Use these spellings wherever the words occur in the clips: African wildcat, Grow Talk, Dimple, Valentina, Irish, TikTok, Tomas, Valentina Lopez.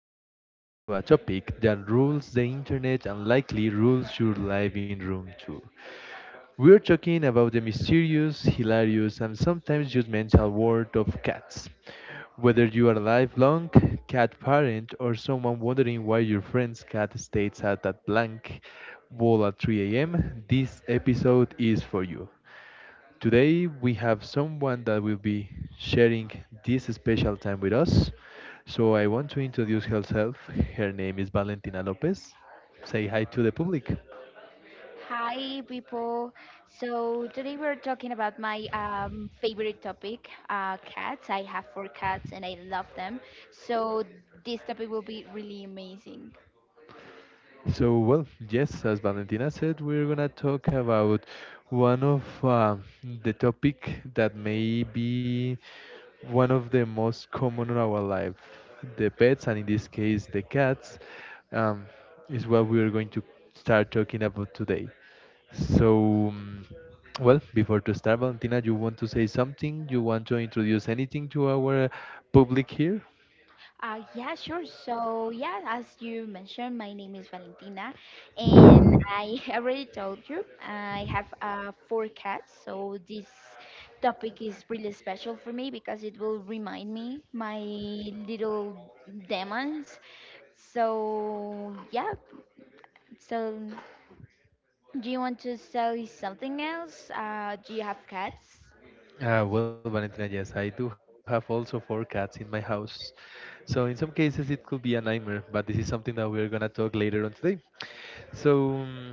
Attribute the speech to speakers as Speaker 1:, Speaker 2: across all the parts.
Speaker 1: we are diving into a topic that rules the internet and likely rules your living room too. We're talking about the mysterious, hilarious, and sometimes just mental world of cats. Whether you are a lifelong cat parent or someone wondering why your friend's cat stays at that blank wall at 3 a.m., this episode is for you. Today we have someone that will be sharing this special time with us. So I want to introduce herself. Her name is Valentina Lopez. Say hi to the public.
Speaker 2: Hi, people. So today we're talking about my favorite topic, cats. I have four cats and I love them. So this topic will be really amazing.
Speaker 1: So, well, yes, as Valentina said, we're gonna talk about one of the topic that may be one of the most common in our life. The pets, and in this case, the cats, um, is what we're going to start talking about today. So, well, before to start, Valentina, you want to say something? You want to introduce anything to our public here?
Speaker 2: Yeah, sure. So, yeah, as you mentioned, my name is Valentina, and I already told you I have four cats. So, this topic is really special for me because it will remind me my little demons. So, yeah, so do you want to say something else? Do you have cats?
Speaker 1: Well, Valentina, yes, I do have also four cats in my house. So in some cases it could be a nightmare, but this is something that we're gonna talk later on today. So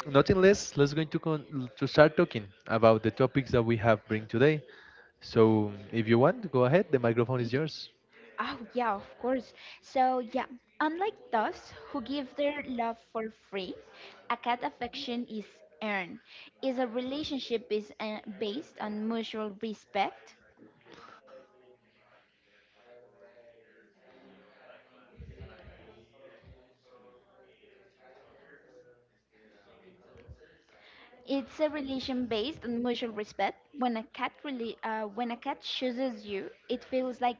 Speaker 1: nothing less, let's going to to start talking about the topics that we have bring today. So if you want, go ahead. The microphone is yours.
Speaker 2: Oh, yeah, of course. So, yeah, unlike those who give their love for free, a cat affection is earned. Is a relationship is based on mutual respect. It's a relation based on mutual respect. When a cat really, when a cat chooses you, it feels like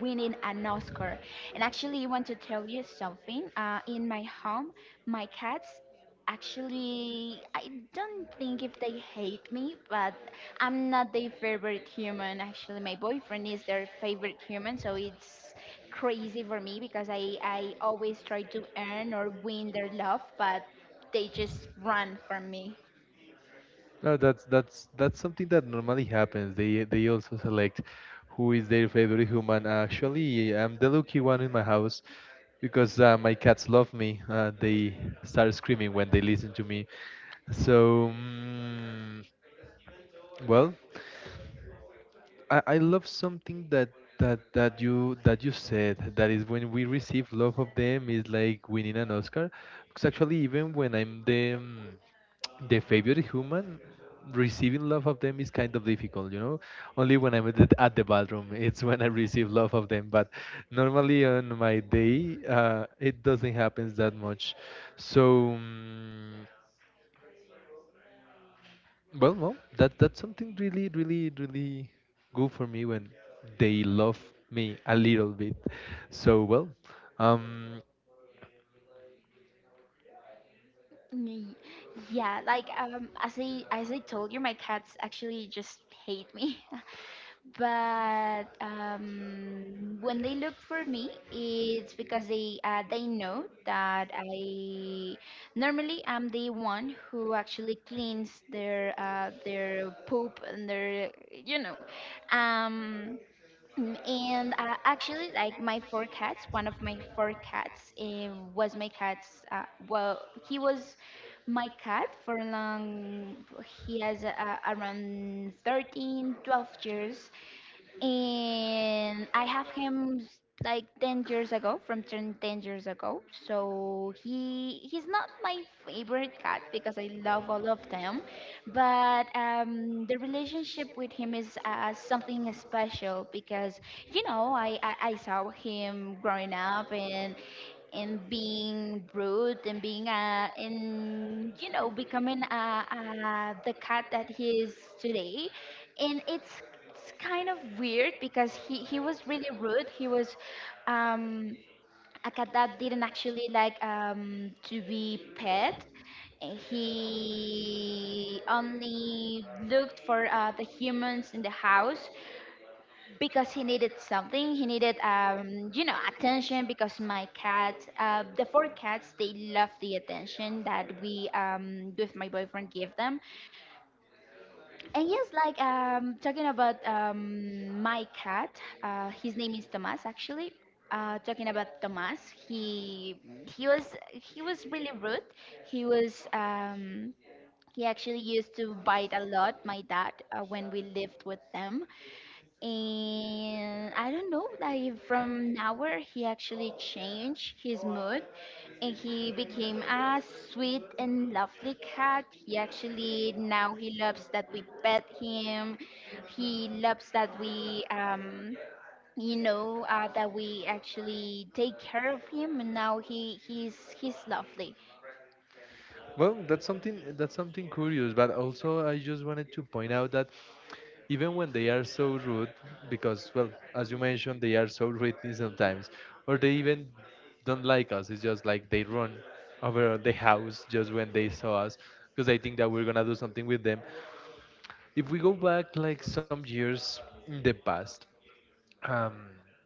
Speaker 2: winning an Oscar. And actually, I want to tell you something. In my home, my cats actually, I don't think if they hate me, but I'm not their favorite human. Actually, my boyfriend is their favorite human, so it's crazy for me because I always try to earn or win their love, but they just run from me.
Speaker 1: No, that's something that normally happens. They also select who is their favorite human. Actually, I'm the lucky one in my house because my cats love me. They start screaming when they listen to me. So, well. I love something that you said, that is, when we receive love of them is like winning an Oscar, because actually even when I'm the the favorite human, receiving love of them is kind of difficult. Only when I'm at the bathroom it's when I receive love of them, but normally on my day it doesn't happen that much. So well, that's something really, really, really good for me when they love me a little bit. So well, um,
Speaker 2: Y- Yeah, like as I told you, my cats actually just hate me. But when they look for me, it's because they know that I normally am the one who actually cleans their poop and their, um, And actually, like my four cats, one of my four cats was my cat's. Well, he was my cat for a long. He has around 13, 12 years, and I have him like 10 years ago, from ten years ago, so he's not my favorite cat, because I love all of them. But the relationship with him is something special, because I saw him growing up, and being rude, and being and becoming the cat that he is today. And it's kind of weird, because he was really rude. He was um a cat that didn't actually like to be pet. He only looked for the humans in the house because he needed something. He needed, attention, because my cat, the four cats, they love the attention that we, with my boyfriend, give them. And yes, like talking about my cat, his name is Tomas actually. Talking about Tomas, he was really rude. He was he actually used to bite a lot my dad when we lived with them. And I don't know, like from now on he actually changed his mood, and he became a sweet and lovely cat. He actually, now he loves that we pet him. He loves that we, that we actually take care of him, and now he's lovely.
Speaker 1: well, that's something curious. But also, I just wanted to point out that even when they are so rude, because, well, as you mentioned, they are so rude sometimes, or they even don't like us. It's just like they run over the house just when they saw us, because they think that we're gonna do something with them. If we go back like some years in the past, um,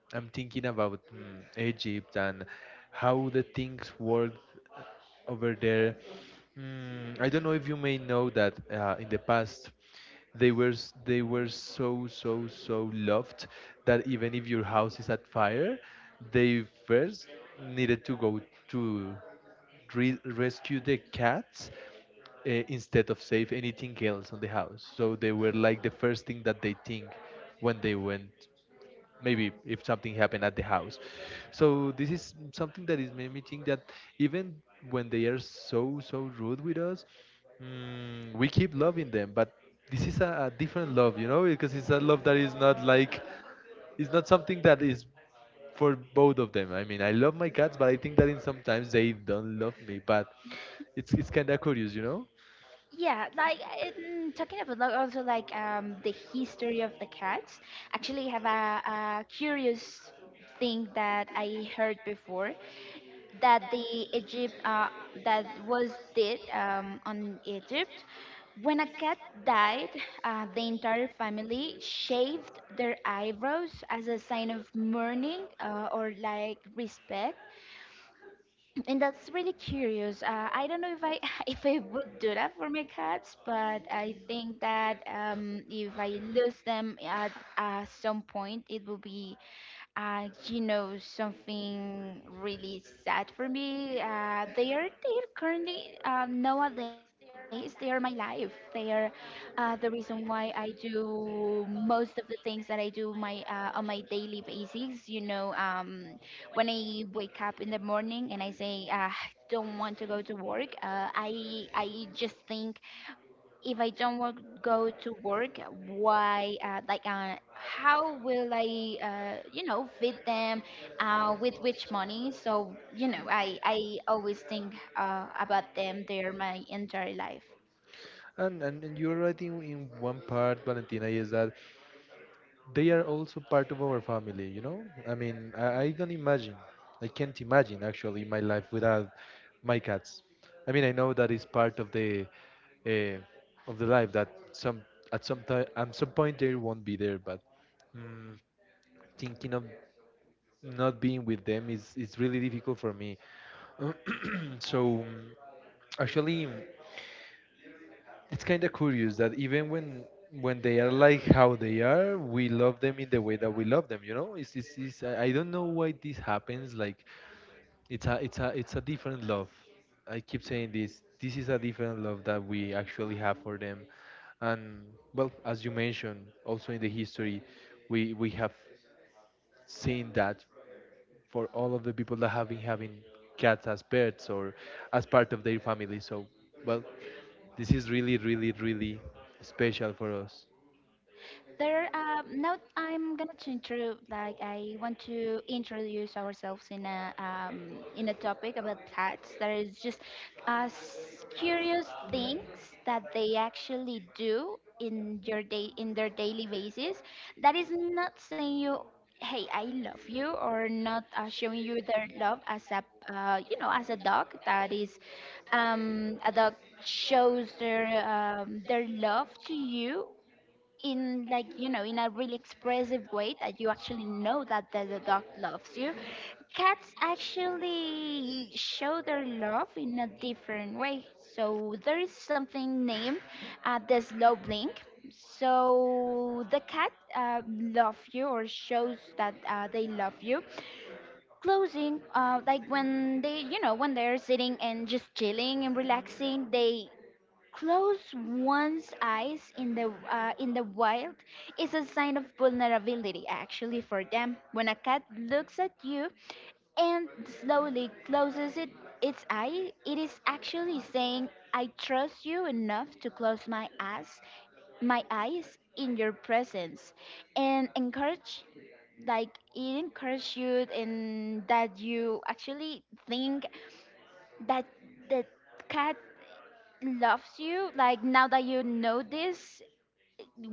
Speaker 1: I'm thinking about Egypt and how the things work over there. I don't know if you may know that in the past they were so so so loved that even if your house is at fire, they first needed to go to re rescue the cats instead of save anything else on the house. So they were like the first thing that they think when they went, maybe, if something happened at the house. So this is something that is made me think that even when they are so so rude with us, we keep loving them. But this is a different love, you know, because it's a love that is not like, it's not something that is for both of them. I mean, I love my cats, but I think that in sometimes they don't love me. But it's kind of curious, you know.
Speaker 2: Yeah, like in, talking about, like, also like, the history of the cats. Actually, I have a curious thing that I heard before, that the Egypt, that was did on Egypt. When a cat died, the entire family shaved their eyebrows as a sign of mourning, or like respect, and that's really curious. I don't know if I if I would do that for my cats, but I think that if I lose them at some point, it will be something really sad for me. They are currently, nowadays, they are my life. They are the reason why I do most of the things that I do, my on my daily basis. You know. When I wake up in the morning and I say, don't want to go to work, I just think, if I don't want to go to work, why? Like, how will I, feed them? With which money? So I always think about them. They're my entire life.
Speaker 1: And you're right in, one part, Valentina, is that they are also part of our family, you know? I mean, I don't imagine, I can't imagine actually my life without my cats. I mean, I know that is part of uh, the life, that some at some time, at some point, they won't be there, but mm, thinking of not being with them is really difficult for me. So actually, it's kind of curious that even when they are like how they are, we love them in the way that we love them. You know, it's I don't know why this happens. Like it's a different love. I keep saying this. This is a different love that we actually have for them, and, well, as you mentioned, also in the history, we have seen that, for all of the people that have been having cats as pets or as part of their family. So, well. This is really, really, really special for us.
Speaker 2: There, now I'm gonna change to, like, I want to introduce ourselves in, a topic about cats that is just, curious things that they actually do in your day, in their daily basis. That is not saying you, hey, I love you, or not showing you their love as a you know as a dog that is, a dog shows their, their love to you in, like, in a really expressive way, that you actually know that the dog loves you. Cats actually show their love in a different way, so there is something named the slow blink. So the cat, love you, or shows that they love you, closing, like when they're sitting and just chilling and relaxing, they close one's eyes. In the wild is a sign of vulnerability actually for them. When a cat looks at you and slowly closes it its eye, it is actually saying, "I trust you enough to close my eyes in your presence," and encourage, like it encourages you, and that you actually think that the cat loves you. Like, now that you know this,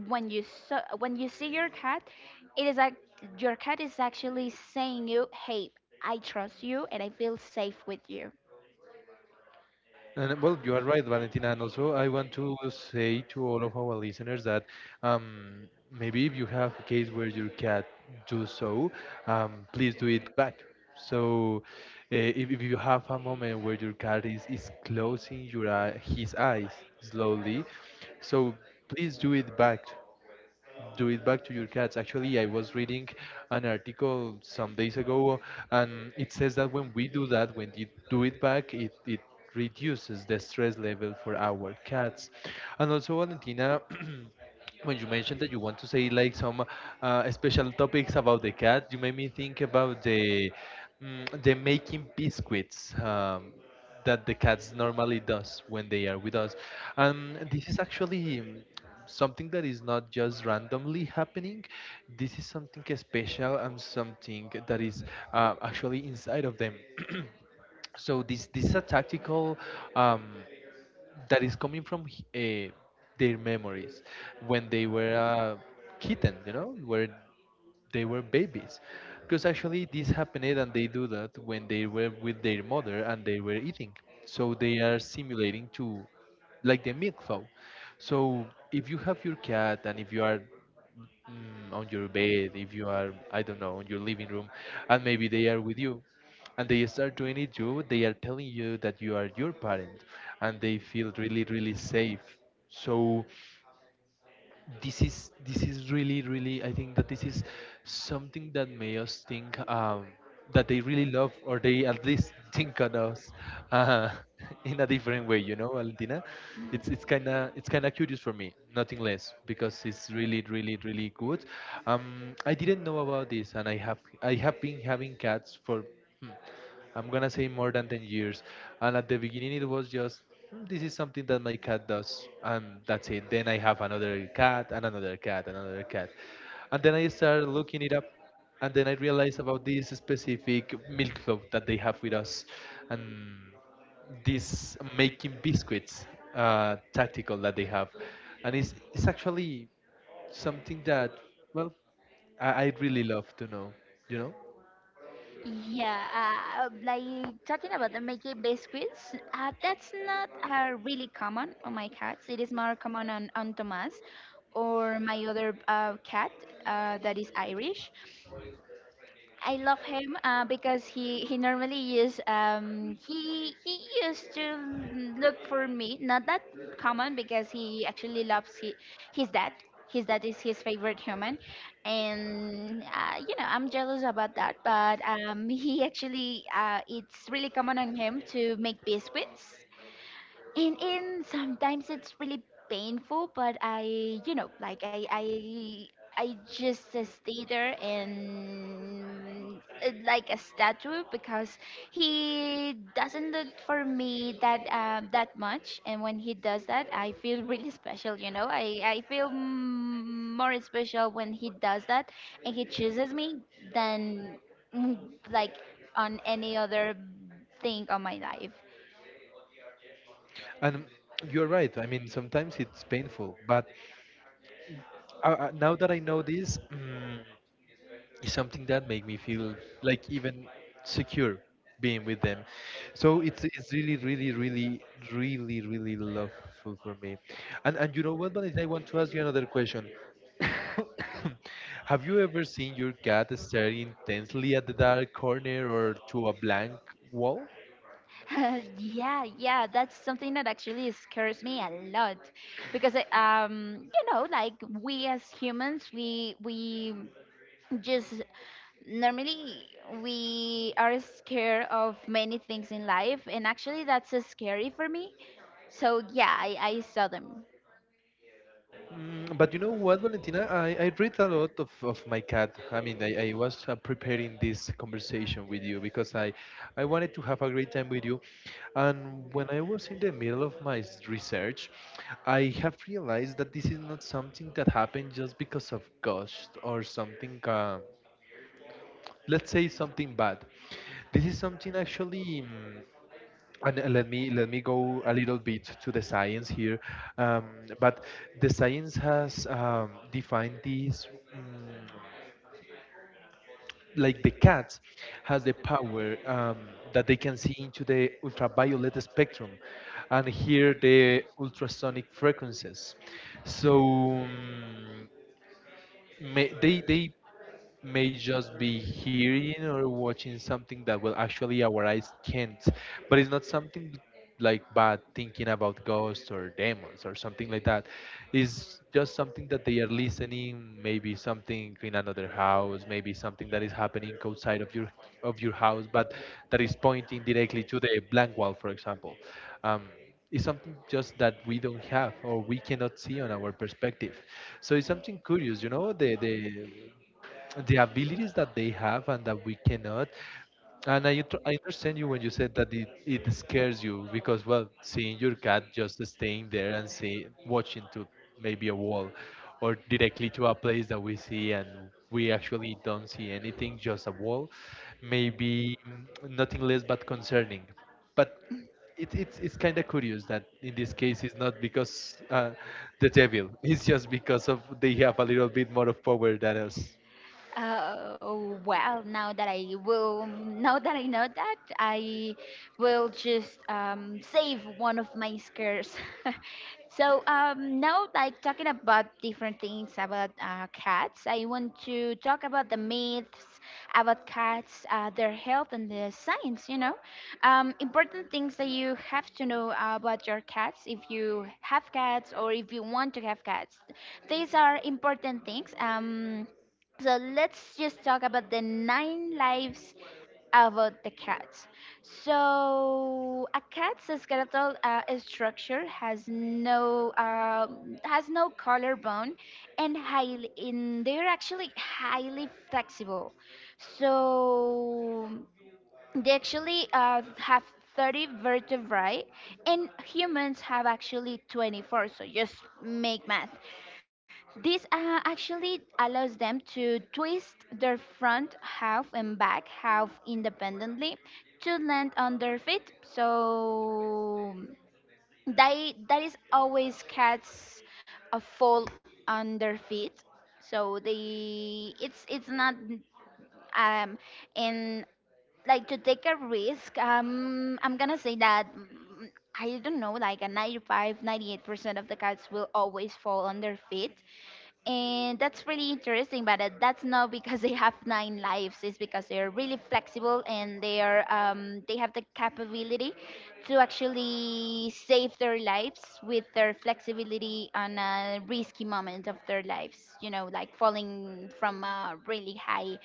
Speaker 2: when when you see your cat, it is like your cat is actually saying you, hey, I trust you and I feel safe with you.
Speaker 1: And, well, you are right, Valentina. And also, I want to say to all of our listeners that, maybe if you have a case where your cat do so, please do it back. So, if you have a moment where your cat is closing his eyes slowly, so please do it back to your cats. Actually, I was reading an article some days ago, and it says that when we do that, when you do it back, it reduces the stress level for our cats. And also, Valentina, when you mentioned that you want to say like some special topics about the cat, you made me think about the making biscuits. That the cats normally does when they are with us. This is actually something that is not just randomly happening. This is something special and something that is actually inside of them. So this is a tactical um, that is coming from uh, their memories, when they were kittens, where they were babies. Because actually this happened, and they do that when they were with their mother and they were eating. So they are simulating to, like, the milk flow. So if you have your cat and if you are on your bed, if you are, I don't know, on your living room, and maybe they are with you, and they start doing it. They are telling you that you are your parent, and they feel really, really safe. So this is really, really, I think, that this is something that made us think, that they really love, or they at least think on us, uh, in a different way, Valentina. It's kind of curious for me, nothing less, because it's really, really, really good. I didn't know about this, and I have been having cats for hmm, I'm gonna say more than 10 years. And at the beginning, it was just, "Hmm, this is something that my cat does, and that's it." Then I have another cat, and another cat, and another cat. And then I started looking it up, and then I realized about this specific milk club that they have with us, and this making biscuits tactical that they have. And it's actually something that, well, I really love to know, you know?
Speaker 2: Yeah, like talking about the making biscuits, that's not really common on my cats. It is more common on, Thomas, or my other cat, that is Irish. I love him, because he normally is, he used to look for me. Not that common, because he actually loves, his dad. His dad is his favorite human, and I'm jealous about that. But he actually, it's really common on him to make biscuits. And sometimes it's really painful, but I, like I just stay there, and, like a statue, because he doesn't look for me that that much. And when he does that, I feel really special. You know, I feel, more special when he does that and he chooses me, than, mm, like, on any other thing on my life.
Speaker 1: And you're right. I mean, sometimes it's painful, but now that I know this, it's something that make me feel like even secure being with them. So it's really, really, really, really, really loveful for me. And you know what, Vanessa, I want to ask you another question. Have you ever seen your cat staring intensely at the dark corner or to a blank wall?
Speaker 2: Yeah, yeah, that's something that actually scares me a lot, because like, we as humans, we just normally, we are scared of many things in life, and actually that's scary for me. So yeah, I saw them.
Speaker 1: But you know what, Valentina? I read a lot of my cat. I mean, I was preparing this conversation with you, because I wanted to have a great time with you. And when I was in the middle of my research, I have realized that this is not something that happened just because of ghosts or something. Let's say something bad. This is something actually, and let me go a little bit to the science here. um, but the science has defined these, mm, like, the cats has the power, that they can see into the ultraviolet spectrum and hear the ultrasonic frequencies. So may they may just be hearing or watching something that will actually our eyes can't. But it's not something like bad thinking about ghosts or demons or something like that. It's just something that they are listening, maybe something in another house, maybe something that is happening outside of your house, but that is pointing directly to the blank wall, for example. um, is something just that we don't have or we cannot see on our perspective. So it's something curious, you know, the abilities that they have and that we cannot. And I understand you when you said that it scares you because, well, seeing your cat just staying there and see, watching to maybe a wall or directly to a place that we see and we actually don't see anything, just a wall, maybe nothing less but concerning. But it's kind of curious that in this case it's not because the devil. It's just because of they have a little bit more of power than us.
Speaker 2: Oh, well, now that I will, now that I know that, I will just save one of my scares. So now, like talking about different things about cats, I want to talk about the myths about cats, their health, and the science. You know, important things that you have to know about your cats if you have cats, or if you want to have cats. These are important things. So let's just talk about the nine lives about the cats. So a cat's skeletal, structure has no, collarbone, and highly in they're actually highly flexible. So they actually have 30 vertebrae, and humans have actually 24. So just make math. This actually allows them to twist their front half and back half independently to land on their feet. So they, that is, always cats fall on their feet. So they, it's not, um, and like to take a risk, I'm gonna say that, I don't know, like a 95 98% of the cats will always fall on their feet, and that's really interesting. But that's not because they have nine lives. It's because they're really flexible, and they are, they have the capability to actually save their lives with their flexibility on a risky moment of their lives. You know, like falling from a really high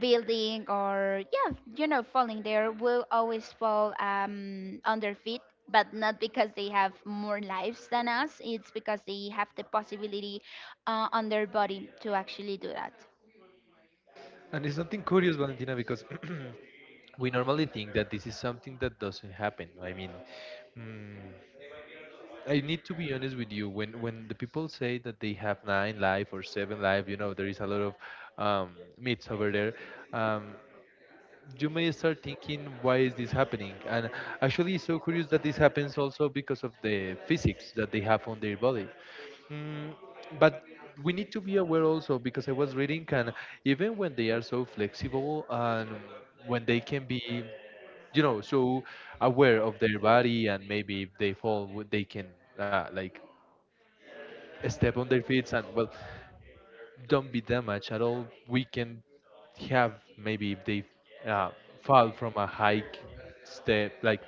Speaker 2: building, or yeah, falling, there will always fall, on their feet. But not because they have more lives than us, it's because they have the possibility, on their body, to actually do that.
Speaker 1: And it's something curious, Valentina, because we normally think that this is something that doesn't happen. I mean, mm, I need to be honest with you. When the people say that they have nine life or seven life, you know, there is a lot of myths over there. Um, you may start thinking why is this happening and actually it's so curious that this happens also because of the physics that they have on their body. Mm, but we need to be aware also because I was reading, and even when they are so flexible and when they can be, you know, so aware of their body and maybe if they fall, they can like step on their feet and, well, don't be damaged at all. We can have maybe if they uh, fall from a high step, like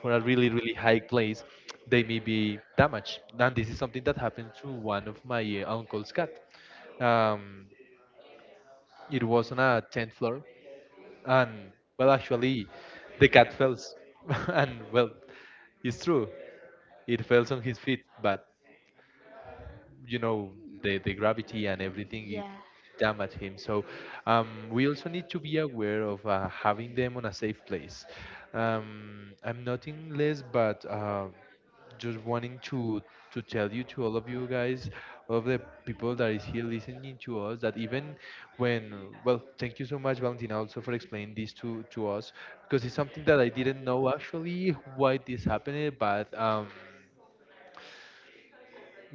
Speaker 1: for a really really high place, they may be damaged. And this is something that happened to one of my uncle's cat. Um, it was on a tenth floor, and, well, actually, the cat fell, and, well, it's true, it fell on his feet, but you know the gravity and everything it
Speaker 2: Yeah,
Speaker 1: damage him. So we also need to be aware of having them on a safe place. I'm nothing less, but. Just wanting to tell you, to all of you guys, all of the people that is here listening to us, that even when, well, thank you so much, Valentina, also for explaining this to us, because it's something that I didn't know actually why this happened. But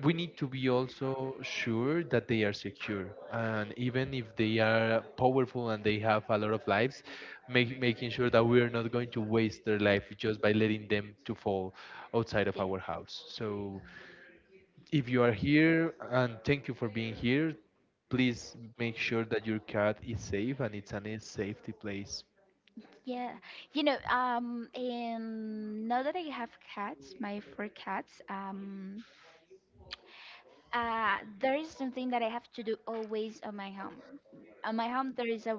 Speaker 1: we need to be also sure that they are secure, and even if they are powerful and they have a lot of lives, making sure that we are not going to waste their life just by letting them to fall outside of
Speaker 2: yeah.
Speaker 1: our house. So if you are here, and thank you for being here, please make sure that your cat is safe and it's in a safe place.
Speaker 2: Yeah, and now that I have cats, my four cats, there is something that I have to do always on my home. On my home, there is a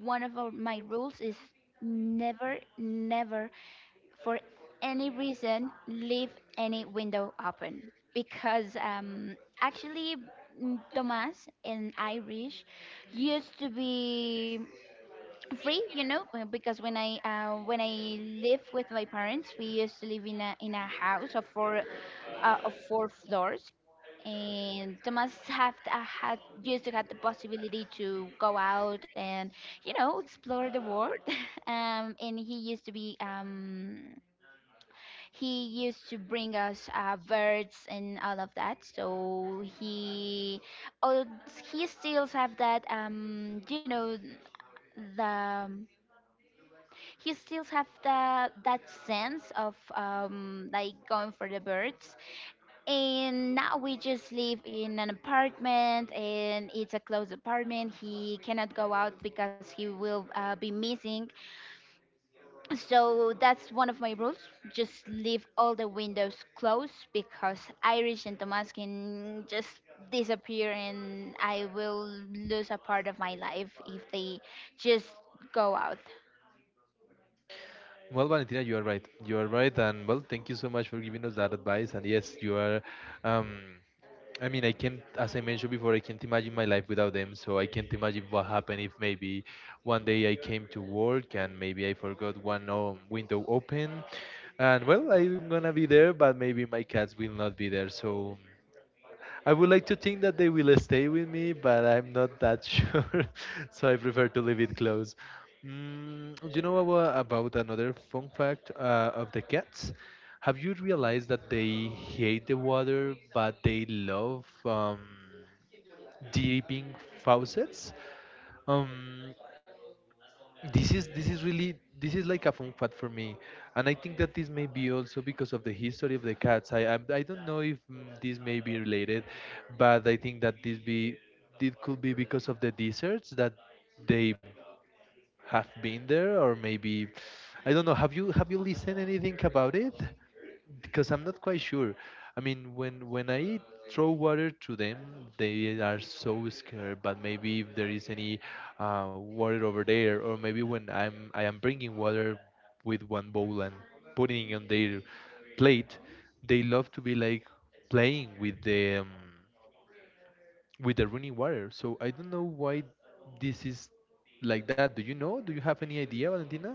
Speaker 2: my rules is never, never, for any reason, leave any window open because Tomas and Irish used to be free because when I lived with my parents. We used to live in a house of four floors, and Thomas have had used to have the possibility to go out and explore the world. And he used to bring us birds and all of that. So oh, he still have that you know the He still have the that sense of like going for the birds. And now we just live in an apartment, and it's a closed apartment. He cannot go out because he will be missing. So that's one of my rules: just leave all the windows closed because Irish and Tomas can just disappear, and I will lose a part of my life if they just go out.
Speaker 1: Well, Valentina, you are right. You are right, and, well, thank you so much for giving us that advice. And yes, you are. Um, I mean, I can't, as I mentioned before, I can't imagine my life without them. So I can't imagine what happened if maybe one day I came to work and maybe I forgot one window open, and, well, I'm gonna be there, but maybe my cats will not be there. So I would like to think that they will stay with me, but I'm not that sure, so I prefer to leave it closed. Mm, you know about another fun fact of the cats? Have you realized that they hate the water, but they love dipping faucets? Um, this is really, this is like a fun fact for me, and I think that this may be also because of the history of the cats. I don't know if, this may be related, but I think that this be it could be because of the desserts that they have been there, or maybe I don't know. Have you listened anything about it? Because I'm not quite sure. I mean, when I throw water to them, they are so scared. But maybe if there is any water over there, or maybe when I am bringing water with one bowl and putting it on their plate, they love to be like playing with the running water. So I don't know why this is like that. Do you know? Do you have any idea, Valentina?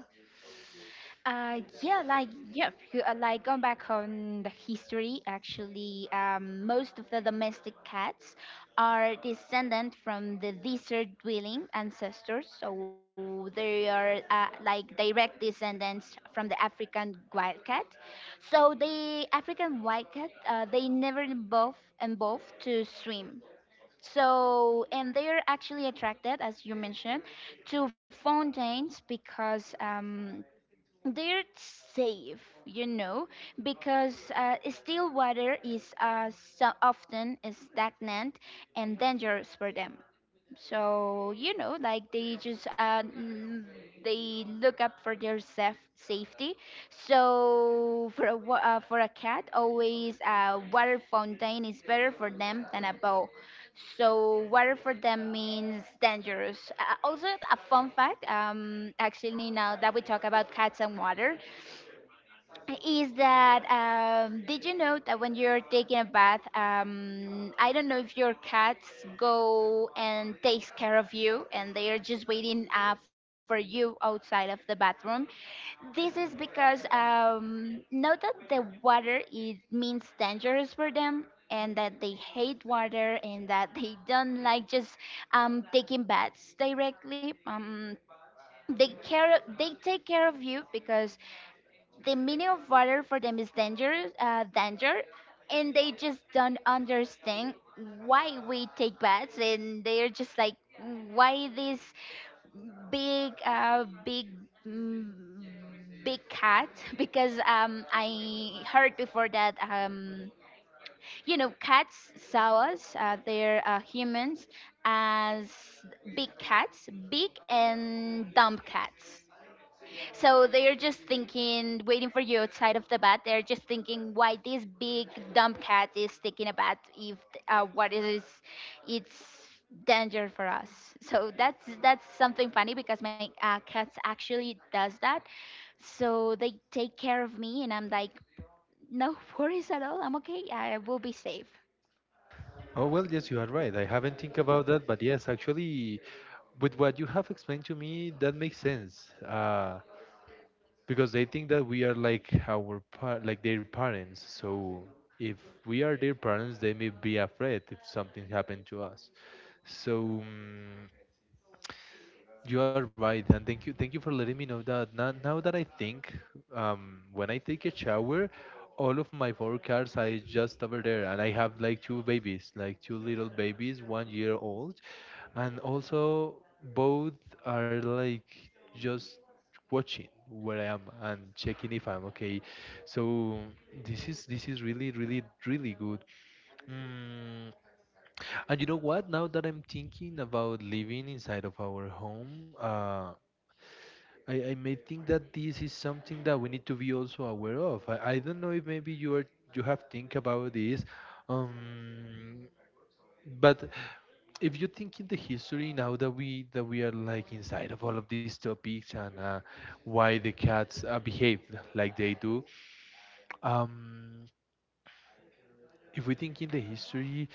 Speaker 2: Like going back on the history, actually, most of the domestic cats are descendant from the desert-dwelling ancestors, so they are like direct descendants from the African wildcat. So the African wildcat, they never evolved to swim. So, and they are actually attracted, as you mentioned, to fountains because they're safe, you know, because still water is so often stagnant and dangerous for them. So you know, like they just they look up for their safety. So for a for a cat, always a water fountain is better for them than a bow. So water for them means dangerous. Also, a fun fact. Actually, now that we talk about cats and water, is that did you know that when you're taking a bath, I don't know if your cats go and takes care of you, and they are just waiting for you outside of the bathroom. This is because not that the water it means dangerous for them, and that they hate water, and that they don't like just taking baths directly. They take care of you because the meaning of water for them is danger, danger, and they just don't understand why we take baths, and they're just like, why this big, mm, big cat? Because I heard before that cats saw us, they're humans as big cats, big and dumb cats. So they're just thinking, waiting for you outside of the bath. They're just thinking why this big dumb cat is taking a bath if what it is, it's danger for us. So that's something funny because my cats actually does that. So they take care of me, and I'm like, no worries at all. I'm okay. I will be safe.
Speaker 1: Oh, well, yes, you are right. I haven't think about that, but yes, actually, with what you have explained to me, that makes sense. Because they think that we are like our par like their parents. So if we are their parents, they may be afraid if something happened to us. So, you are right, and thank you for letting me know that. Now, now that I think, when I take a shower, all of my four cats are just over there, and I have like two babies, like two little babies, 1 year old, and also both are like just watching where I am and checking if I'm okay. So this is really, really, really good. Mm, and you know what? Now that I'm thinking about living inside of our home, I may think that this is something that we need to be also aware of. I don't know if maybe you have think about this, um, but if you think in the history, now that we are like inside of all of these topics and why the cats behave like they do, um, if we think in the history,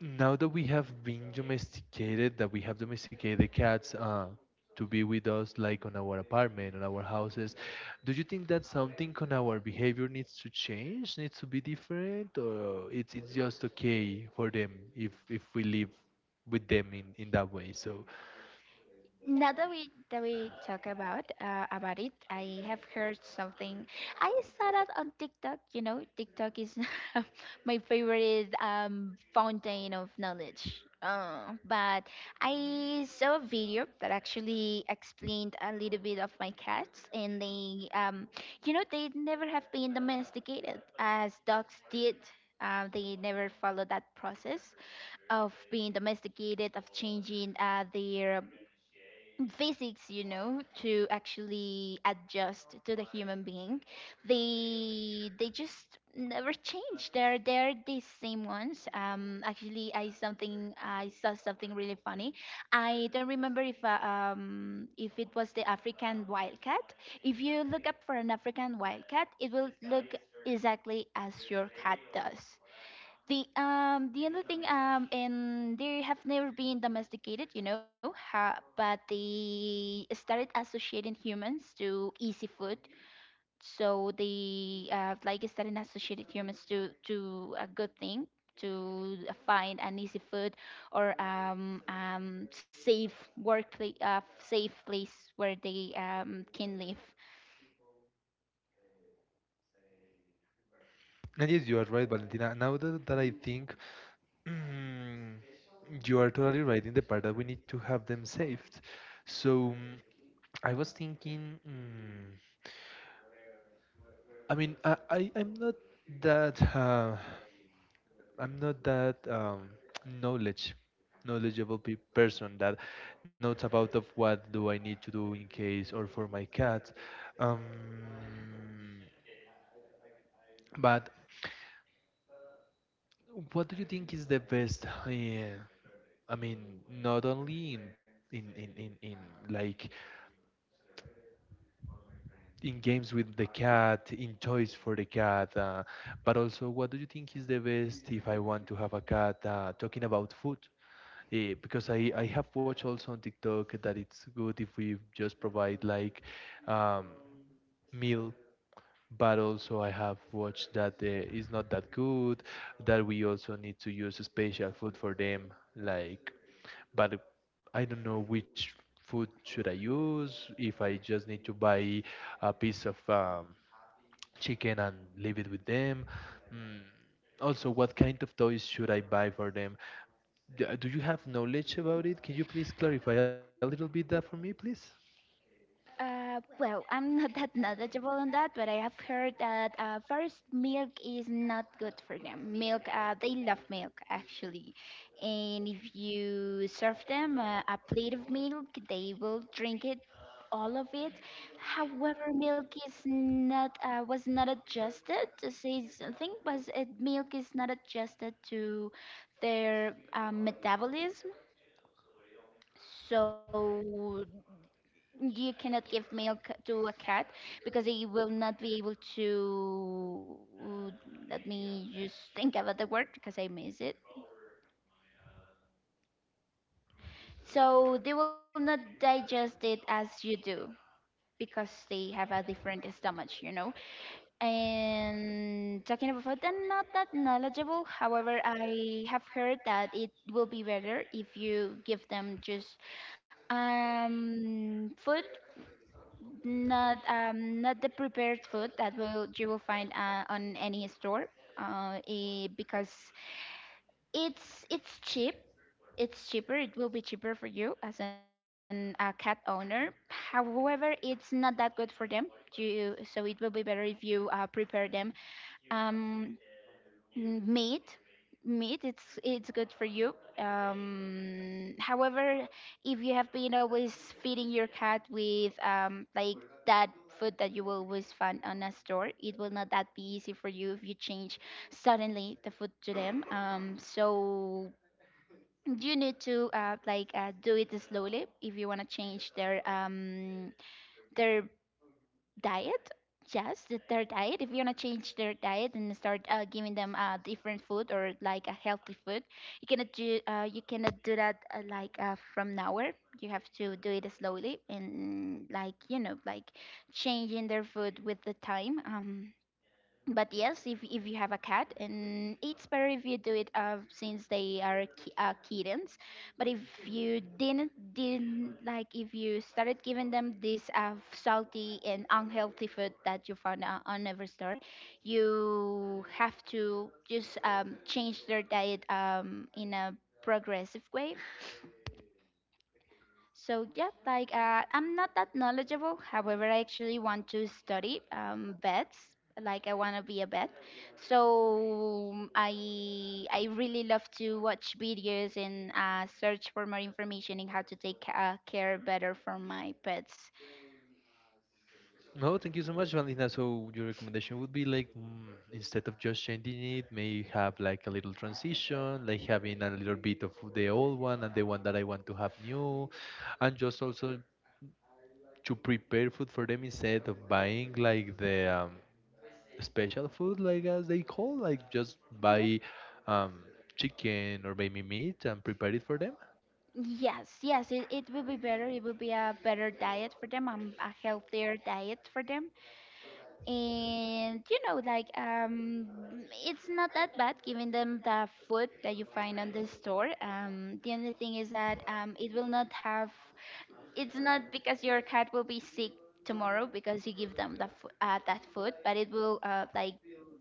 Speaker 1: now that we have been domesticated, that we have domesticated the cats to be with us, like on our apartment, on our houses, do you think that something on our behavior needs to change, needs to be different, or it's just okay for them if we live with them in that way? So,
Speaker 2: Now that we talk about it, I have heard something. I saw that on TikTok. You know, TikTok is my favorite fountain of knowledge. But I saw a video that actually explained a little bit of my cats, and they never have been domesticated as dogs did. They never followed that process of being domesticated, of changing their physics, you know, to actually adjust to the human being. They just never change. They're the same ones. Actually, I saw something really funny. I don't remember if it was the African wildcat. If you look up for an African wildcat, it will look exactly as your cat does. The other thing, and they have never been domesticated, you know, ha, but they started associating humans to easy food. So they like started associating humans to a good thing to find an easy food or safe workplace safe place where they can live.
Speaker 1: and yes, you are right, Valentina. Now that I think. mm, you are totally right in the part that we need to have them saved. So, I was thinking. I mean, that uh, I'm not that knowledge knowledgeable pe person that knows about of what do I need to do in case or for my cat. Um, but what do you think is the best? Yeah, I mean, not only in in, in, in, in like in games with the cat, in toys for the cat, but also what do you think is the best if I want to have a cat? Talking about food, eh, because I have watched also on TikTok that it's good if we just provide like um, meal, but also I have watched that it's not that good, that we also need to use special food for them. Like, but I don't know which food should I use, if I just need to buy a piece of chicken and leave it with them. Mm. Also, what kind of toys should I buy for them? Do you have knowledge about it? Can you please clarify a little bit that for me, please?
Speaker 2: Well, I'm not that knowledgeable on that, but I have heard that first, milk is not good for them. Milk, they love milk actually, and if you serve them a plate of milk, they will drink it, all of it. However, milk is not was not adjusted to say something, but milk is not adjusted to their metabolism. So you cannot give milk to a cat because they will not be able to. Let me just think about the word because I miss it. So they will not digest it as you do because they have a different stomach, you know. And talking about food, I'm not that knowledgeable. However, I have heard that it will be better if you give them just food, not the prepared food that will you will find on any store, because it's it's cheap it's cheaper. It will be cheaper for you as an a cat owner. However, it's not that good for them, you so it will be better if you prepare them um meat. It's good for you. However, if you have been always feeding your cat with that food that you will always find on a store, it will not that be easy for you if you change suddenly the food to them. So you need to do it slowly if you want to change their their diet. Yes, their diet. If you want to change their diet and start giving them different food or like a healthy food, you cannot do that from now on. You have to do it slowly, and, like, you know, like, changing their food with the time. But yes, if you have a cat, and it's better if you do it since they are kittens. But if you didn't, like, if you started giving them this salty and unhealthy food that you found on every store, you have to just change their diet in a progressive way. So yeah, I'm not that knowledgeable. However, I actually want to study vets. Like, I want to be a vet. So I really love to watch videos and search for more information in how to take care better for my pets.
Speaker 1: No, thank you so much, Valentina. So your recommendation would be like, instead of just changing it, may have like a little transition, like having a little bit of the old one and the one that I want to have new, and just also to prepare food for them instead of buying like the special food, like as they call, like just
Speaker 2: Yeah.
Speaker 1: buy um, chicken or baby meat and prepare it for them.
Speaker 2: Yes, yes, it will be better. It will be a better diet for them, a healthier diet for them. And you know, like, it's not that bad giving them the food that you find on the store. The only thing is that it will not have, it's not because your cat will be sick tomorrow because you give them that food, but it will, like,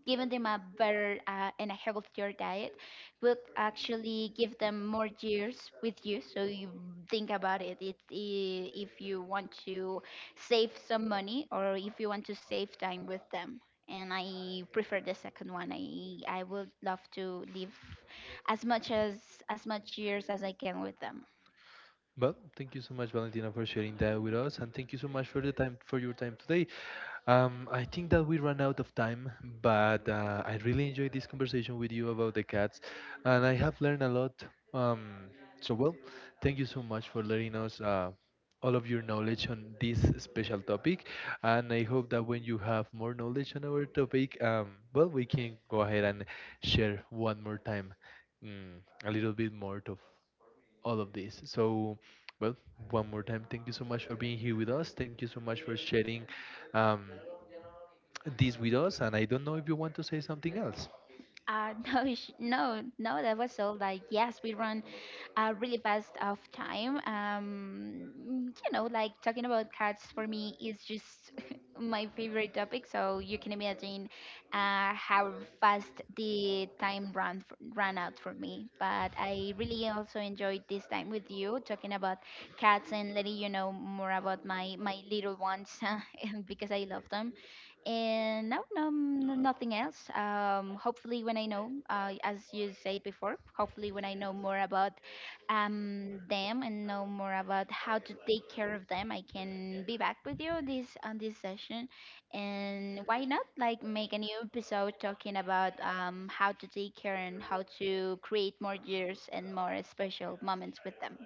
Speaker 2: giving them a better and a healthier diet will actually give them more years with you. So you think about it. I if you want to save some money, or if you want to save time with them. And I prefer the second one. I would love to live as much years as I can with them.
Speaker 1: Well, thank you so much, Valentina, for sharing that with us, and thank you so much for the time, for your time today. I think that we ran out of time, but I really enjoyed this conversation with you about the cats, and I have learned a lot. Um, so, well, thank you so much for letting us all of your knowledge on this special topic, and I hope that when you have more knowledge on our topic, well, we can go ahead and share one more time, mm, a little bit more of all of this. So, well, one more time, thank you so much for being here with us. Thank you so much for sharing, um, this with us. And I don't know if you want to say something else.
Speaker 2: No, no, that was all. Like, yes, we run really fast of time. You know, like, talking about cats for me is just my favorite topic. So you can imagine how fast the time ran out for me. But I really also enjoyed this time with you talking about cats and letting you know more about my little ones because I love them. And no, no, nothing else. Hopefully, when I know, as you said before, hopefully when I know more about them, and know more about how to take care of them, I can be back with you this on this session. And why not, like, make a new episode talking about how to take care and how to create more years and more special moments with them.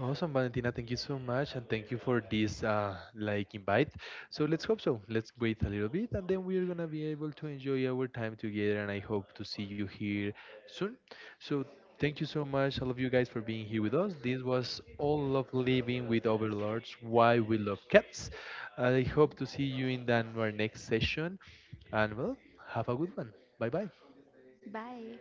Speaker 1: Awesome, Valentina. Thank you so much, and thank you for this like invite. So let's hope so. Let's wait a little bit, and then we're gonna be able to enjoy our time together. And I hope to see you here soon. So thank you so much, all of you guys, for being here with us. This was all of Living with Overlords. Why we love cats. I hope to see you in the, our next session, and, well, have a good one. Bye bye.
Speaker 2: Bye.